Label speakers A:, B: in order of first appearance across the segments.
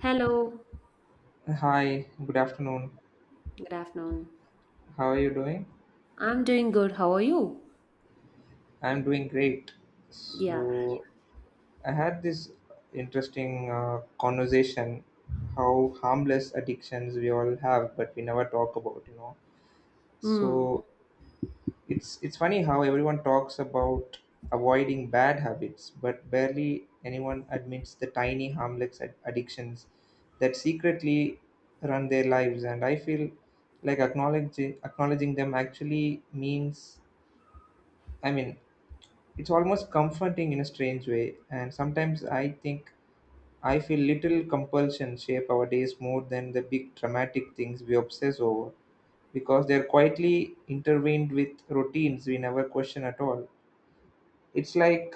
A: Hello,
B: Hi, good afternoon.
A: good afternoon.
B: How are you doing?
A: I'm doing good. How are you?
B: I'm doing great.
A: Yeah.
B: So, I had this interesting conversation how harmless addictions we all have but we never talk about, you know.
A: Hmm.
B: So, it's funny how everyone talks about avoiding bad habits but barely anyone admits the tiny harmless addictions that secretly run their lives, and I feel like acknowledging them actually means, I mean, it's almost comforting in a strange way, and sometimes I think I feel little compulsion shape our days more than the big dramatic things we obsess over because they're quietly intervened with routines we never question at all. It's like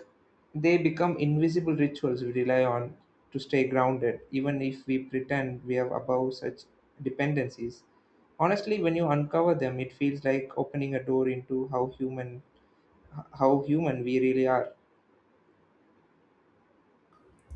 B: they become invisible rituals we rely on to stay grounded, even if we pretend we are above such dependencies. Honestly, when you uncover them, it feels like opening a door into how human we really are.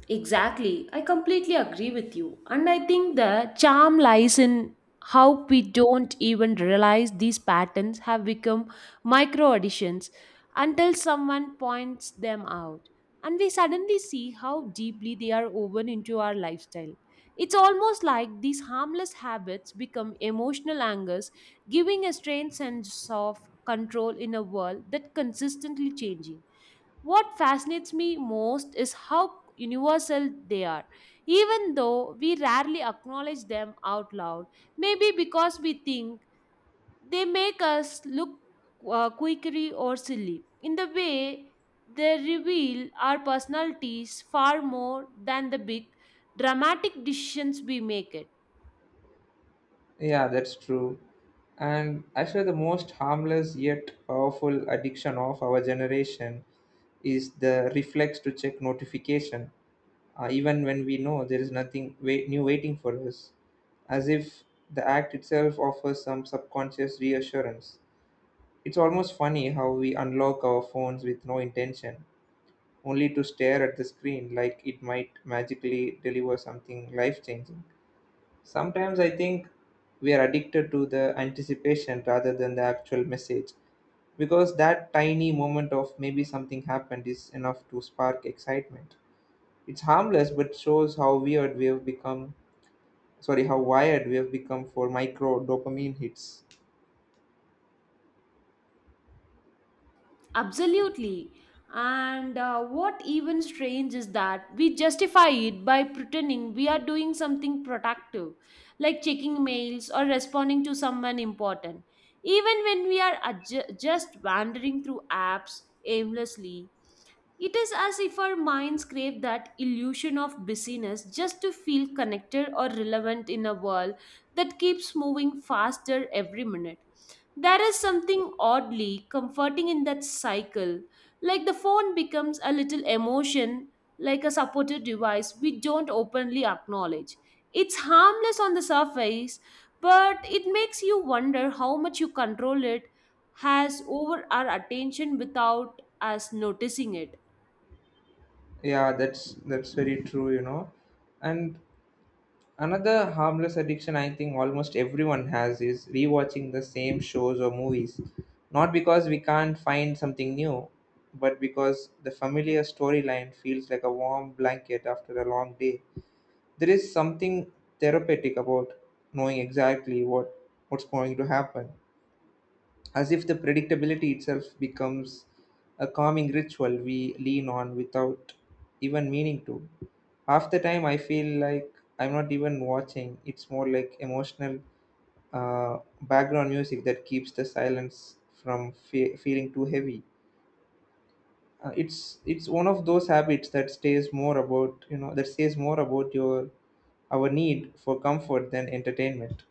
A: Exactly. I completely agree with you. And I think the charm lies in how we don't even realize these patterns have become micro additions until someone points them out. And we suddenly see how deeply they are woven into our lifestyle. It's almost like these harmless habits become emotional anchors, giving a strange sense of control in a world that consistently changing. What fascinates me most is how universal they are, even though we rarely acknowledge them out loud. Maybe because we think they make us look quirky or silly. In the way, they reveal our personalities far more than the big dramatic decisions we make. It.
B: Yeah, that's true. And actually, the most harmless yet powerful addiction of our generation is the reflex to check notification, even when we know there is nothing new waiting for us, as if the act itself offers some subconscious reassurance. It's almost funny how we unlock our phones with no intention, only to stare at the screen like it might magically deliver something life changing. Sometimes I think we are addicted to the anticipation rather than the actual message because that tiny moment of maybe something happened is enough to spark excitement. It's harmless but shows how weird we have become sorry, how wired we have become for micro dopamine hits.
A: Absolutely. And what even strange is that we justify it by pretending we are doing something productive, like checking mails or responding to someone important, even when we are just wandering through apps aimlessly. It is as if our minds crave that illusion of busyness just to feel connected or relevant in a world that keeps moving faster every minute. There is something oddly comforting in that cycle. Like the phone becomes a little emotion, like a supportive device we don't openly acknowledge. It's harmless on the surface, but it makes you wonder how much you control it has over our attention without us noticing it.
B: Yeah, that's very true, you know. And another harmless addiction I think almost everyone has is rewatching the same shows or movies. Not because we can't find something new, but because the familiar storyline feels like a warm blanket after a long day. There is something therapeutic about knowing exactly what's going to happen, as if the predictability itself becomes a calming ritual we lean on without even meaning to. Half the time, I feel like I'm not even watching. It's more like emotional, background music that keeps the silence from feeling too heavy. It's one of those habits that stays more about you know that says more about your our need for comfort than entertainment.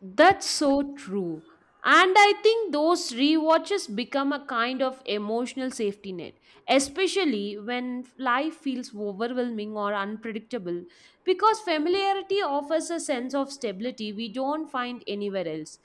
A: That's so true. And I think those rewatches become a kind of emotional safety net, especially when life feels overwhelming or unpredictable, because familiarity offers a sense of stability we don't find anywhere else.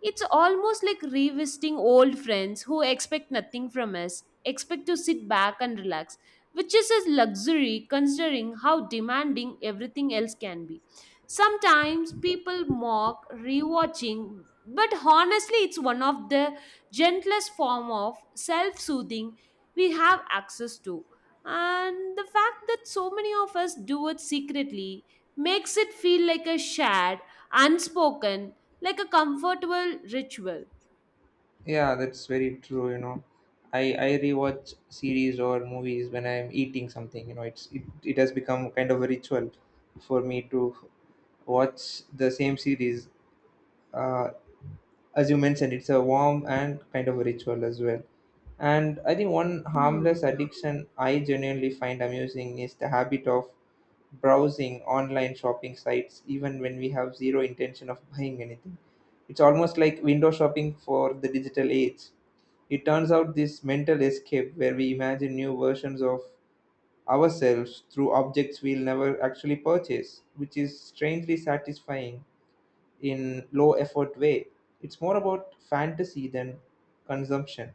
A: It's almost like revisiting old friends who expect nothing from us, expect to sit back and relax, which is a luxury considering how demanding everything else can be. Sometimes people mock rewatching, but honestly, it's one of the gentlest form of self-soothing we have access to. And the fact that so many of us do it secretly makes it feel like a shared, unspoken, like a comfortable ritual.
B: Yeah, that's very true. You know, I rewatch series or movies when I'm eating something. You know, it has become kind of a ritual for me to watch the same series. Uh, as you mentioned, it's a warm and kind of a ritual as well. And I think one harmless
A: Hmm.
B: addiction I genuinely find amusing is the habit of browsing online shopping sites even when we have zero intention of buying anything. It's almost like window shopping for the digital age. It turns out this mental escape where we imagine new versions of ourselves through objects we'll never actually purchase, which is strangely satisfying in low effort way. It's more about fantasy than consumption.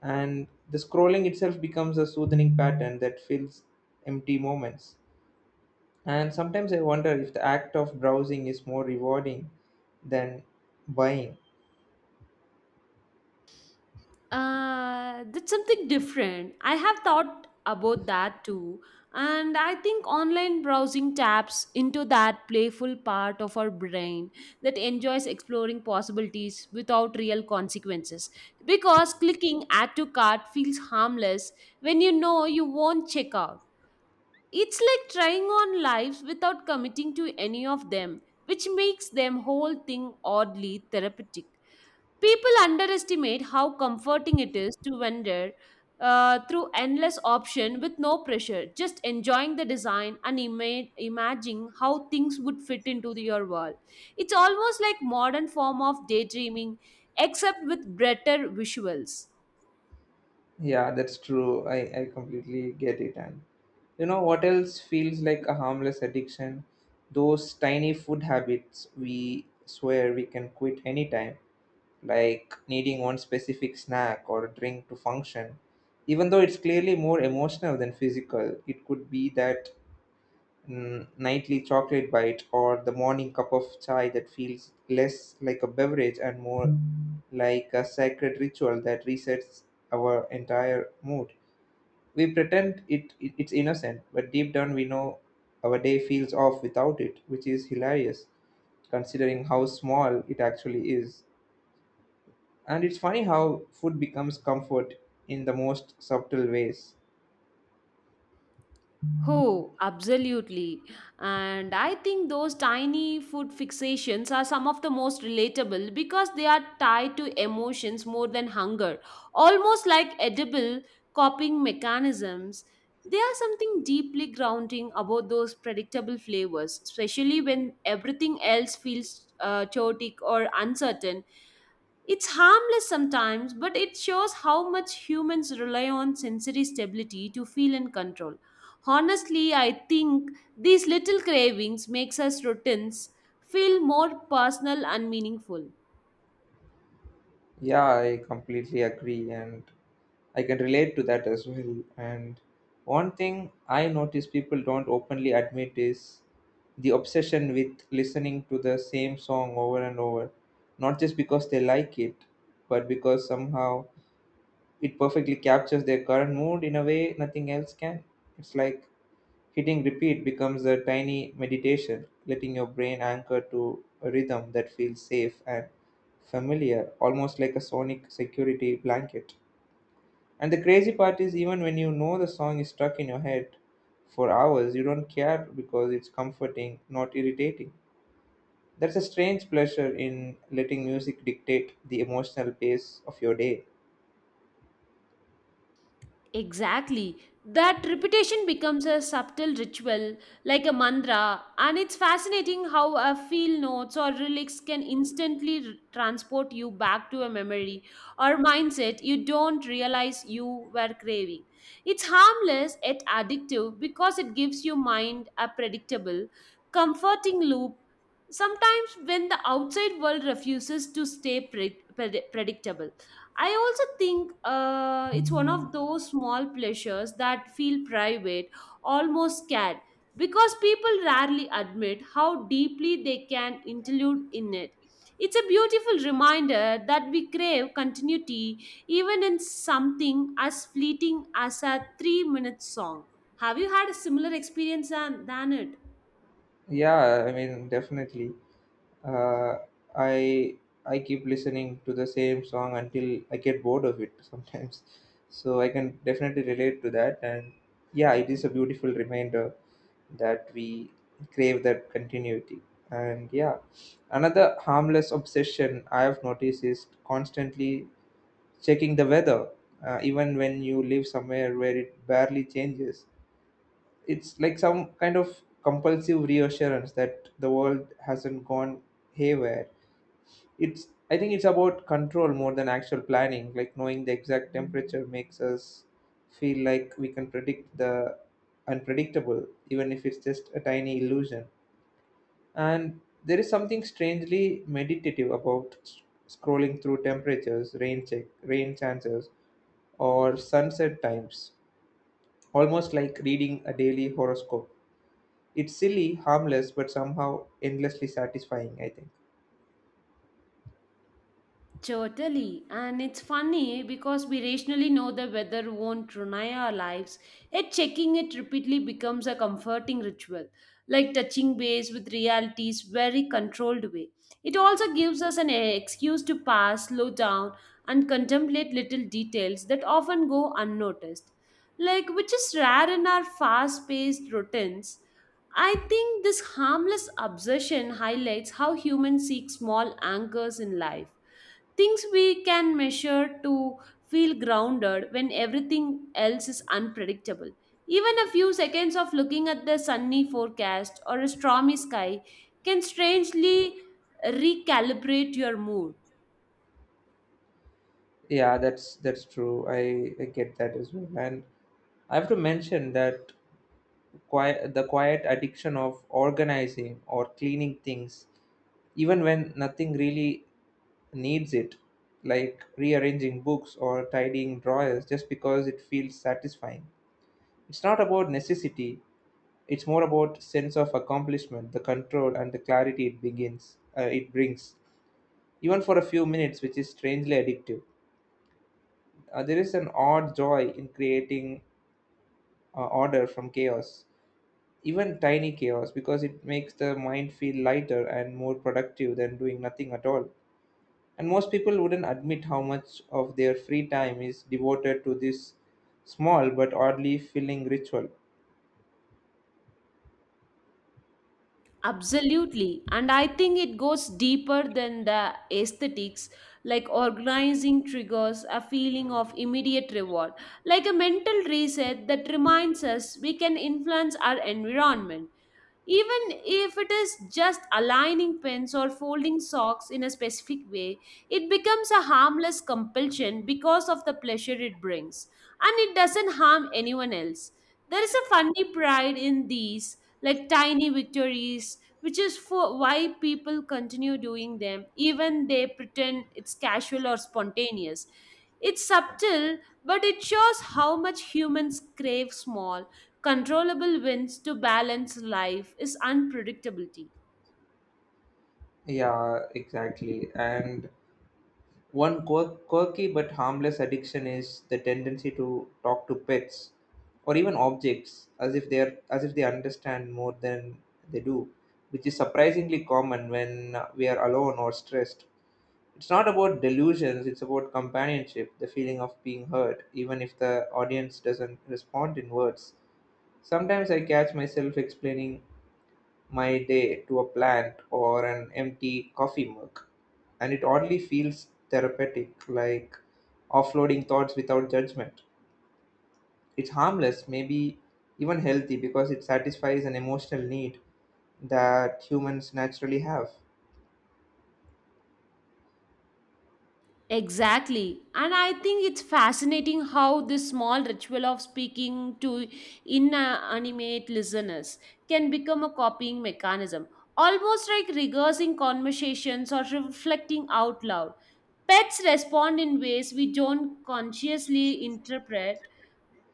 B: And the scrolling itself becomes a soothing pattern that fills empty moments. And sometimes I wonder if the act of browsing is more rewarding than buying.
A: That's something different. I have thought about that too. And I think online browsing taps into that playful part of our brain that enjoys exploring possibilities without real consequences. Because clicking add to cart feels harmless when you know you won't check out. It's like trying on lives without committing to any of them, which makes them whole thing oddly therapeutic. People underestimate how comforting it is to wander through endless option with no pressure, just enjoying the design and imagining how things would fit into the- your world. It's almost like modern form of daydreaming, except with better visuals.
B: Yeah, that's true. I completely get it. And you know what else feels like a harmless addiction? Those tiny food habits we swear we can quit anytime, like needing one specific snack or drink to function. Even though it's clearly more emotional than physical, it could be that nightly chocolate bite or the morning cup of chai that feels less like a beverage and more like a sacred ritual that resets our entire mood. We pretend it's innocent, but deep down we know our day feels off without it, which is hilarious considering how small it actually is. And it's funny how food becomes comfort in the most subtle ways.
A: Oh, absolutely. And I think those tiny food fixations are some of the most relatable because they are tied to emotions more than hunger, almost like edible coping mechanisms. There are something deeply grounding about those predictable flavors, especially when everything else feels chaotic or uncertain. It's harmless sometimes, but it shows how much humans rely on sensory stability to feel in control. Honestly, I think these little cravings makes us routines feel more personal and meaningful.
B: Yeah, I completely agree, and I can relate to that as well. And one thing I notice people don't openly admit is the obsession with listening to the same song over and over, not just because they like it, but because somehow it perfectly captures their current mood in a way nothing else can. It's like hitting repeat becomes a tiny meditation, letting your brain anchor to a rhythm that feels safe and familiar, almost like a sonic security blanket. And the crazy part is, even when you know the song is stuck in your head for hours, you don't care because it's comforting, not irritating. There's a strange pleasure in letting music dictate the emotional pace of your day.
A: Exactly. That repetition becomes a subtle ritual, like a mantra, and it's fascinating how a feel notes or relics can instantly transport you back to a memory or mindset you don't realize you were craving. It's harmless yet addictive because it gives your mind a predictable, comforting loop. Sometimes, when the outside world refuses to stay predictable. I also think it's one of those small pleasures that feel private, almost scared, because people rarely admit how deeply they can intrude in it. It's a beautiful reminder that we crave continuity even in something as fleeting as a 3-minute song. Have you had a similar experience than it?
B: Yeah, I mean, definitely. Uh, I I keep listening to the same song until I get bored of it sometimes. So I can definitely relate to that, and yeah, it is a beautiful reminder that we crave that continuity. And yeah, another harmless obsession I have noticed is constantly checking the weather, even when you live somewhere where it barely changes. It's like some kind of compulsive reassurance that the world hasn't gone haywire. It's, I think it's about control more than actual planning, like knowing the exact temperature makes us feel like we can predict the unpredictable, even if it's just a tiny illusion. And there is something strangely meditative about scrolling through temperatures, rain check, rain chances, or sunset times, almost like reading a daily horoscope. It's silly, harmless, but somehow endlessly satisfying, I think.
A: Totally. And it's funny because we rationally know the weather won't ruin our lives, yet checking it repeatedly becomes a comforting ritual, like touching base with reality's very controlled way. It also gives us an excuse to pause, slow down, and contemplate little details that often go unnoticed, like which is rare in our fast paced routines. I think this harmless obsession highlights how humans seek small anchors in life. Things we can measure to feel grounded when everything else is unpredictable. Even a few seconds of looking at the sunny forecast or a stormy sky can strangely recalibrate your mood.
B: Yeah, that's true. I get that as well. And I have to mention that the quiet addiction of organizing or cleaning things even when nothing really needs it, like rearranging books or tidying drawers just because it feels satisfying. It's not about necessity, it's more about sense of accomplishment, the control and the clarity it brings even for a few minutes, which is strangely addictive. There is an odd joy in creating order from chaos, even tiny chaos, because it makes the mind feel lighter and more productive than doing nothing at all. And most people wouldn't admit how much of their free time is devoted to this small but oddly filling ritual.
A: Absolutely. And I think it goes deeper than the aesthetics, like organizing triggers a feeling of immediate reward, like a mental reset that reminds us we can influence our environment. Even if it is just aligning pens or folding socks in a specific way, it becomes a harmless compulsion because of the pleasure it brings. And it doesn't harm anyone else. There is a funny pride in these, like tiny victories, which is for why people continue doing them, even they pretend it's casual or spontaneous. It's subtle, but it shows how much humans crave small, controllable wins to balance life is unpredictability.
B: Yeah, exactly. And one quirky but harmless addiction is the tendency to talk to pets or even objects as if they understand more than they do, which is surprisingly common when we are alone or stressed. It's not about delusions, it's about companionship, the feeling of being heard, even if the audience doesn't respond in words. Sometimes I catch myself explaining my day to a plant or an empty coffee mug, and it oddly feels therapeutic, like offloading thoughts without judgment. It's harmless, maybe even healthy, because it satisfies an emotional need that humans naturally have.
A: Exactly. And I think it's fascinating how this small ritual of speaking to inanimate listeners can become a copying mechanism, almost like rehearsing conversations or reflecting out loud. Pets respond in ways we don't consciously interpret,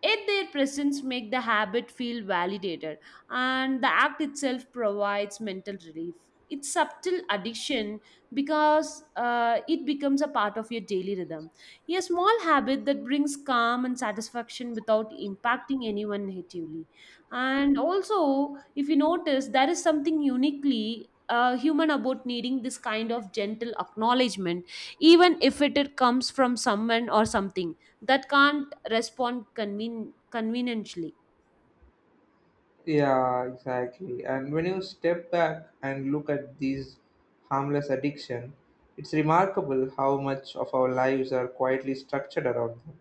A: yet their presence make the habit feel validated and the act itself provides mental relief. It's subtle addiction because it becomes a part of your daily rhythm. A small habit that brings calm and satisfaction without impacting anyone negatively. And also, if you notice, there is something uniquely human about needing this kind of gentle acknowledgement, even if it it comes from someone or something that can't respond conveniently.
B: Yeah, exactly. And when you step back and look at these harmless addiction, it's remarkable how much of our lives are quietly structured around them.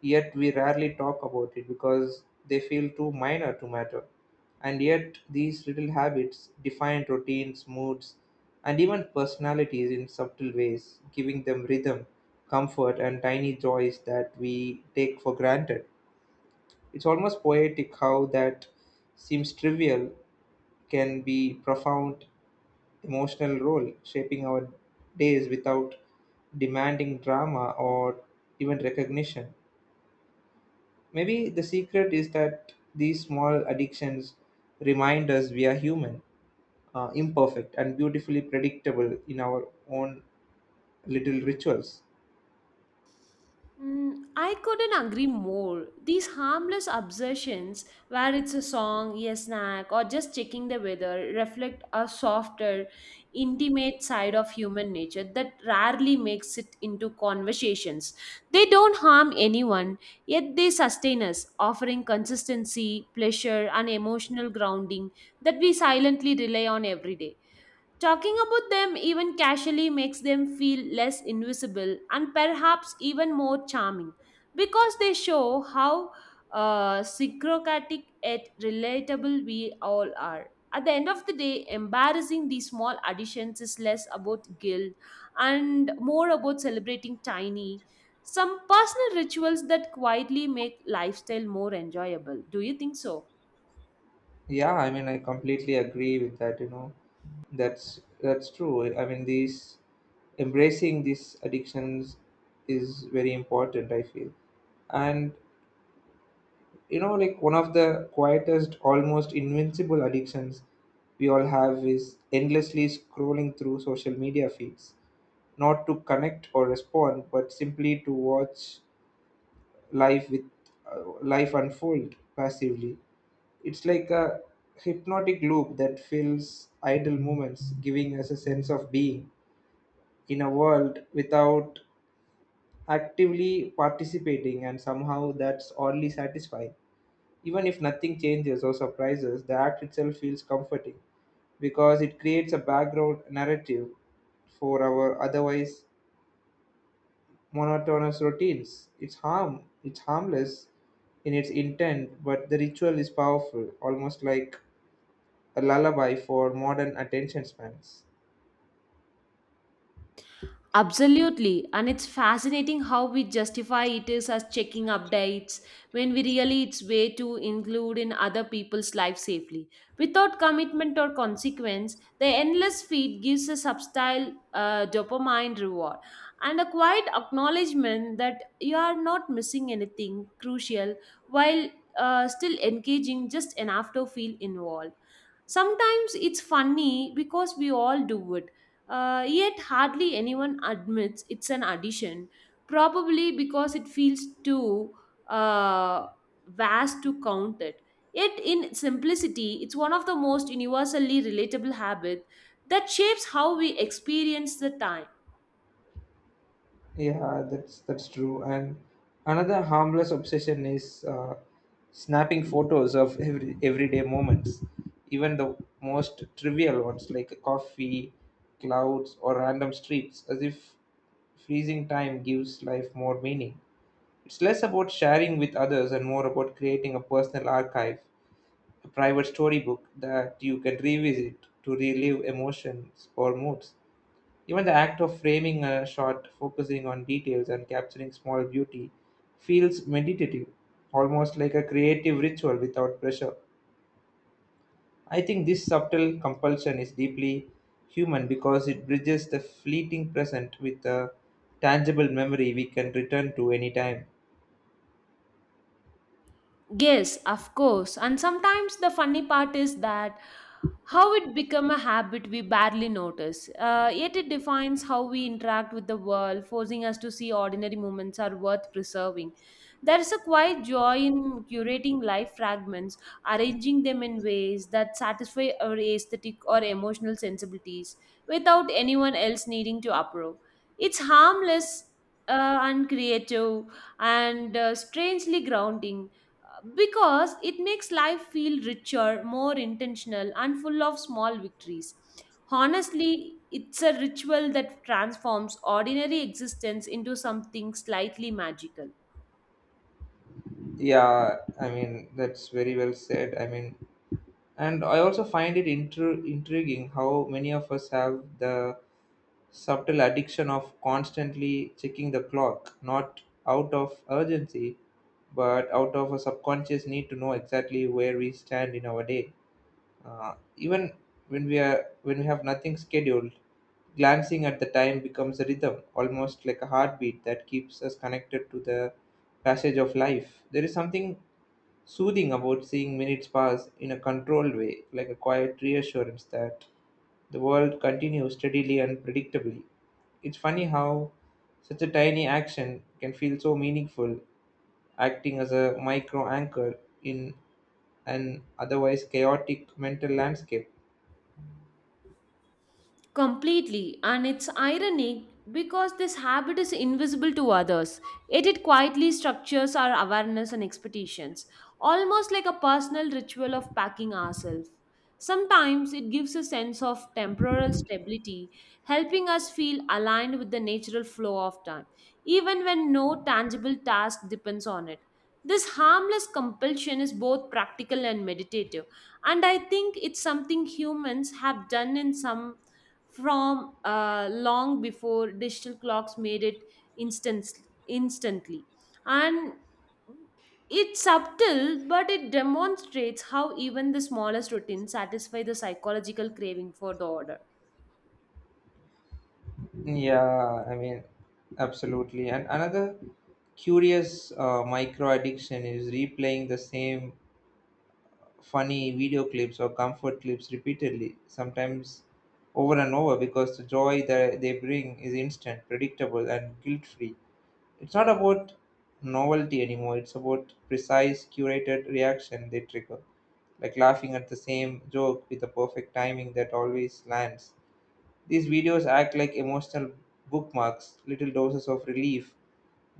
B: Yet we rarely talk about it because they feel too minor to matter. And yet these little habits define routines, moods, and even personalities in subtle ways, giving them rhythm, comfort, and tiny joys that we take for granted. It's almost poetic how that seems trivial can be profound emotional role shaping our days without demanding drama or even recognition. Maybe the secret is that these small addictions remind us we are human, imperfect, and beautifully predictable in our own little rituals.
A: Mm, I couldn't agree more. These harmless obsessions, where it's a song, a snack, or just checking the weather, reflect a softer, intimate side of human nature that rarely makes it into conversations. They don't harm anyone, yet they sustain us, offering consistency, pleasure, and emotional grounding that we silently rely on every day. Talking about them even casually makes them feel less invisible and perhaps even more charming because they show how syncrocatic yet relatable we all are. At the end of the day, embarrassing these small additions is less about guilt and more about celebrating tiny, some personal rituals that quietly make lifestyle more enjoyable. Do you think so?
B: Yeah, I mean, I completely agree with that. You know, that's true. I mean, these embracing these addictions is very important, I feel, and you know, like one of the quietest, almost invincible addictions we all have is endlessly scrolling through social media feeds, not to connect or respond, but simply to watch life with life unfold passively. It's like a hypnotic loop that fills idle moments, giving us a sense of being in a world without actively participating, and somehow that's oddly satisfying. Even if nothing changes or surprises, the act itself feels comforting because it creates a background narrative for our otherwise monotonous routines. It's harmless in its intent, but the ritual is powerful, almost like a lullaby for modern attention spans.
A: Absolutely, and it's fascinating how we justify it is as checking updates when we really it's way to include in other people's life safely. Without commitment or consequence, the endless feed gives a subtle dopamine reward and a quiet acknowledgement that you are not missing anything crucial while still engaging just enough to feel involved. Sometimes it's funny because we all do it, yet hardly anyone admits it's an addition, probably because it feels too uh, vast to count it. Yet, in simplicity, it's one of the most universally relatable habits that shapes how we experience the time.
B: Yeah, that's true. And another harmless obsession is snapping photos of everyday moments, even the most trivial ones like coffee, clouds, or random streets, as if freezing time gives life more meaning. It's less about sharing with others and more about creating a personal archive, a private storybook that you can revisit to relive emotions or moods. Even the act of framing a shot, focusing on details and capturing small beauty, feels meditative, almost like a creative ritual without pressure. I think this subtle compulsion is deeply human because it bridges the fleeting present with a tangible memory we can return to anytime.
A: Yes, of course. And sometimes the funny part is that how it become a habit we barely notice. Yet it defines how we interact with the world, forcing us to see ordinary moments are worth preserving. There is a quiet joy in curating life fragments, arranging them in ways that satisfy our aesthetic or emotional sensibilities without anyone else needing to approve. It's harmless and creative and strangely grounding because it makes life feel richer, more intentional, and full of small victories. Honestly, it's a ritual that transforms ordinary existence into something slightly magical.
B: Yeah, I mean, that's very well said. I mean, and I also find it intriguing how many of us have the subtle addiction of constantly checking the clock, not out of urgency, but out of a subconscious need to know exactly where we stand in our day. Even when we have nothing scheduled, glancing at the time becomes a rhythm, almost like a heartbeat that keeps us connected to the passage of life. There is something soothing about seeing minutes pass in a controlled way, like a quiet reassurance that the world continues steadily and predictably. It's funny how such a tiny action can feel so meaningful, acting as a micro anchor in an otherwise chaotic mental landscape.
A: Completely, and it's ironic because this habit is invisible to others, yet it quietly structures our awareness and expectations, almost like a personal ritual of packing ourselves. Sometimes it gives a sense of temporal stability, helping us feel aligned with the natural flow of time, even when no tangible task depends on it. This harmless compulsion is both practical and meditative, and I think it's something humans have done in some from long before digital clocks made it instant instantly, and it's subtle but it demonstrates how even the smallest routines satisfy the psychological craving for the order.
B: Yeah, I mean, absolutely. And another curious micro addiction is replaying the same funny video clips or comfort clips repeatedly, sometimes over and over, because the joy that they bring is instant, predictable, and guilt free. It's not about novelty anymore, it's about precise, curated reaction they trigger, like laughing at the same joke with the perfect timing that always lands. These videos act like emotional bookmarks, little doses of relief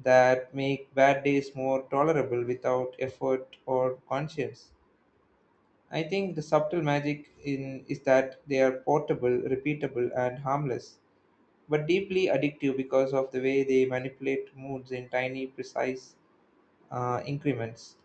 B: that make bad days more tolerable without effort or conscience. I think the subtle magic in is that they are portable, repeatable, and harmless, but deeply addictive because of the way they manipulate moods in tiny, precise increments.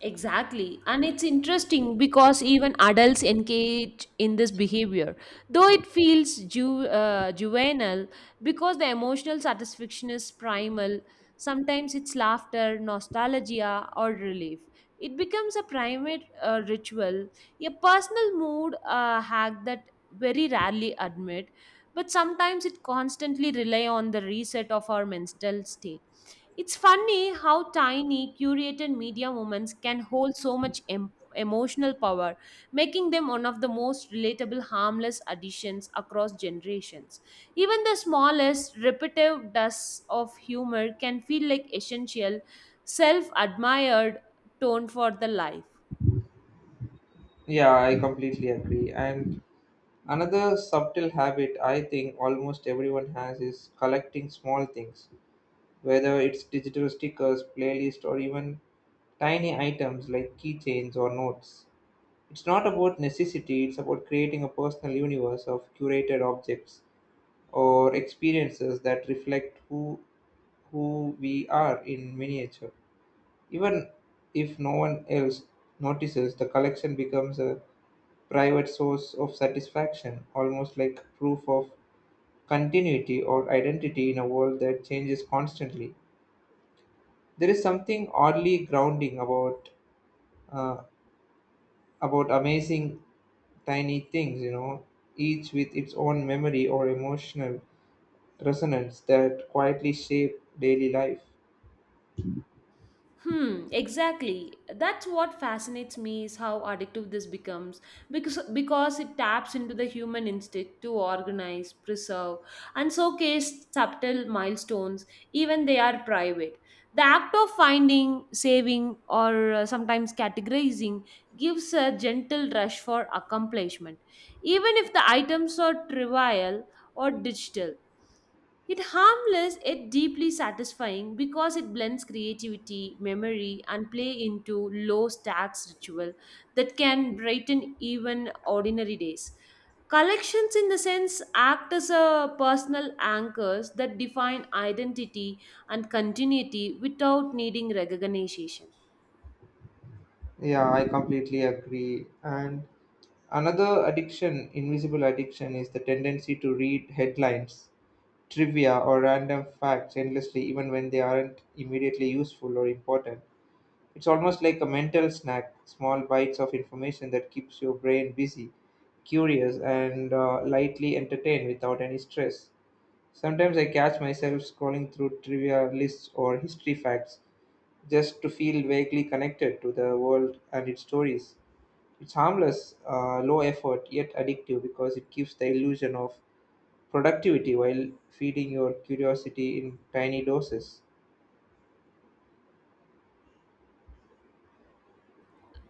A: Exactly. And it's interesting because even adults engage in this behavior, though it feels juvenile because the emotional satisfaction is primal. Sometimes it's laughter, nostalgia, or relief. It becomes a primate ritual, a personal mood hack that very rarely admit, but sometimes it constantly rely on the reset of our mental state. It's funny how tiny curated media moments can hold so much emotional power, making them one of the most relatable, harmless additions across generations. Even the smallest, repetitive dust of humor can feel like essential, self admired tone for the life.
B: Yeah, I completely agree. And another subtle habit I think almost everyone has is collecting small things, whether it's digital stickers, playlist, or even tiny items like keychains or notes. It's not about necessity, it's about creating a personal universe of curated objects or experiences that reflect who we are in miniature. Even if no one else notices, the collection becomes a private source of satisfaction, almost like proof of continuity or identity in a world that changes constantly. There is something oddly grounding about uh, amazing tiny things, you know, each with its own memory or emotional resonance that quietly shape daily life.
A: Hmm, exactly. That's what fascinates me is how addictive this becomes because it taps into the human instinct to organize, preserve, and showcase subtle milestones, even they are private. The act of finding, saving, or sometimes categorizing gives a gentle rush for accomplishment, even if the items are trivial or digital. It harmless yet deeply satisfying because it blends creativity, memory, and play into low stakes ritual that can brighten even ordinary days. Collections, in the sense, act as a personal anchors that define identity and continuity without needing recognition.
B: Yeah, I completely agree. And another addiction, invisible addiction, is the tendency to read headlines, trivia, or random facts endlessly, even when they aren't immediately useful or important. It's almost like a mental snack, small bites of information that keeps your brain busy, curious, and lightly entertained without any stress. Sometimes I catch myself scrolling through trivia lists or history facts just to feel vaguely connected to the world and its stories it's harmless, low effort, yet addictive because it gives the illusion of productivity while feeding your curiosity in tiny doses.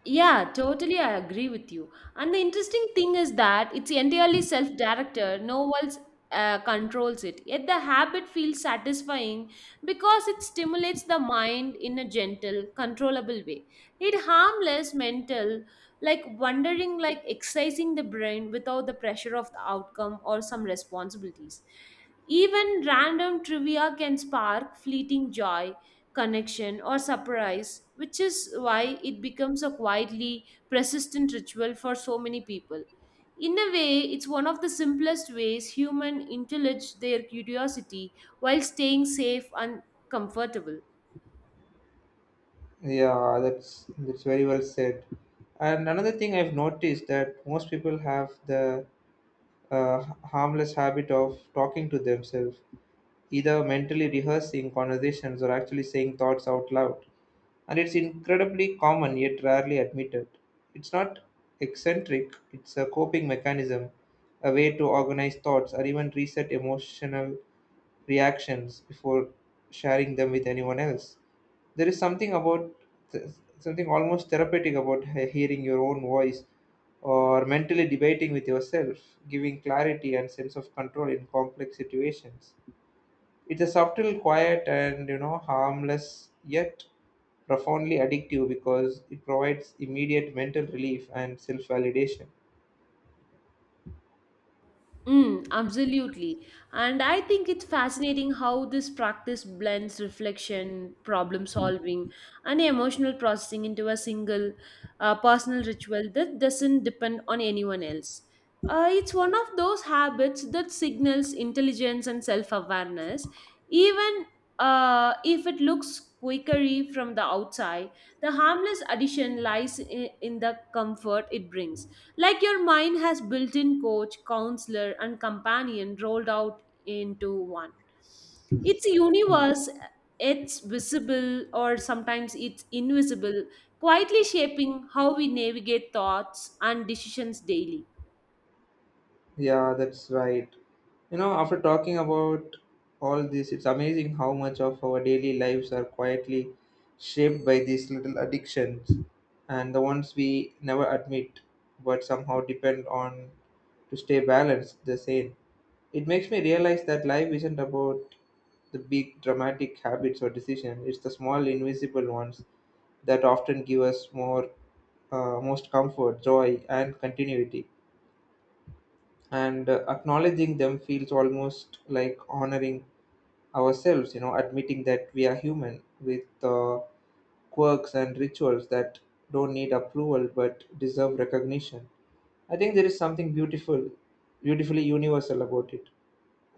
A: Yeah, totally. I agree with you. And the interesting thing is that it's entirely self directed, no one else controls it. Yet the habit feels satisfying because it stimulates the mind in a gentle, controllable way. It harmless mental, like wondering, like exercising the brain without the pressure of the outcome or some responsibilities. Even random trivia can spark fleeting joy connection, or surprise, which is why it becomes a quietly persistent ritual for so many people. In a way, it's one of the simplest ways human indulge their curiosity while staying safe and comfortable.
B: Yeah, that's very well said. And another thing I've noticed that most people have the harmless habit of talking to themselves, either mentally rehearsing conversations or actually saying thoughts out loud, and it's incredibly common yet rarely admitted. It's not eccentric, it's a coping mechanism, a way to organize thoughts or even reset emotional reactions before sharing them with anyone else. There is th- something almost therapeutic about hearing your own voice or mentally debating with yourself, giving clarity and sense of control in complex situations. It's a subtle, quiet, and you know harmless yet profoundly addictive because it provides immediate mental relief and self-validation.
A: Mm, absolutely. And I think it's fascinating how this practice blends reflection, problem solving, and emotional processing into a single personal ritual that doesn't depend on anyone else. It's one of those habits that signals intelligence and self awareness, even if it looks quakery from the outside, the harmless addition lies in the comfort it brings. Like your mind has built in coach, counselor, and companion rolled out into one. It's universe, it's visible or sometimes it's invisible, quietly shaping how we navigate thoughts and decisions daily.
B: Yeah, that's right. You know, after talking about all this, it's amazing how much of our daily lives are quietly shaped by these little addictions and the ones we never admit but somehow depend on to stay balanced, the same. It makes me realize that life isn't about the big dramatic habits or decisions. It's the small invisible ones that often give us more most comfort, joy, and continuity. And acknowledging them feels almost like honoring ourselves. You know, admitting that we are human with quirks and rituals that don't need approval but deserve recognition. I think there is something beautifully universal about it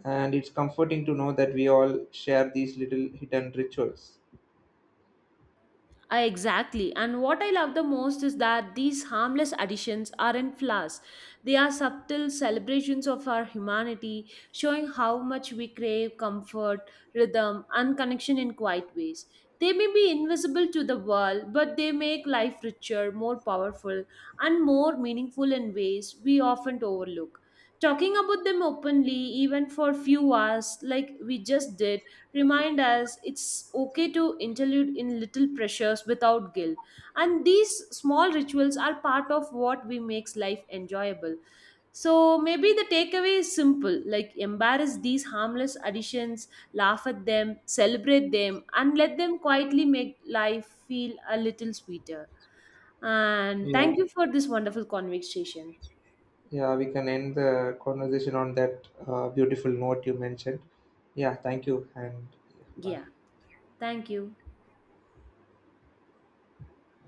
B: and it's comforting to know that we all share these little hidden rituals.
A: Exactly. And what I love the most is that these harmless additions aren't flaws. They are subtle celebrations of our humanity, showing how much we crave comfort, rhythm, and connection in quiet ways. They may be invisible to the world, but they make life richer, more powerful, and more meaningful in ways we often overlook. Talking about them openly, even for few hours, like we just did, remind us it's okay to interlude in little pressures without guilt. And these small rituals are part of what we makes life enjoyable. So maybe the takeaway is simple like embarrass these harmless additions, laugh at them, celebrate them, and let them quietly make life feel a little sweeter. And
B: Yeah.
A: thank you for this wonderful conversation.
B: Yeah, we can end the conversation on that beautiful note you mentioned. Yeah, thank you and yeah, bye.
A: Yeah, thank you.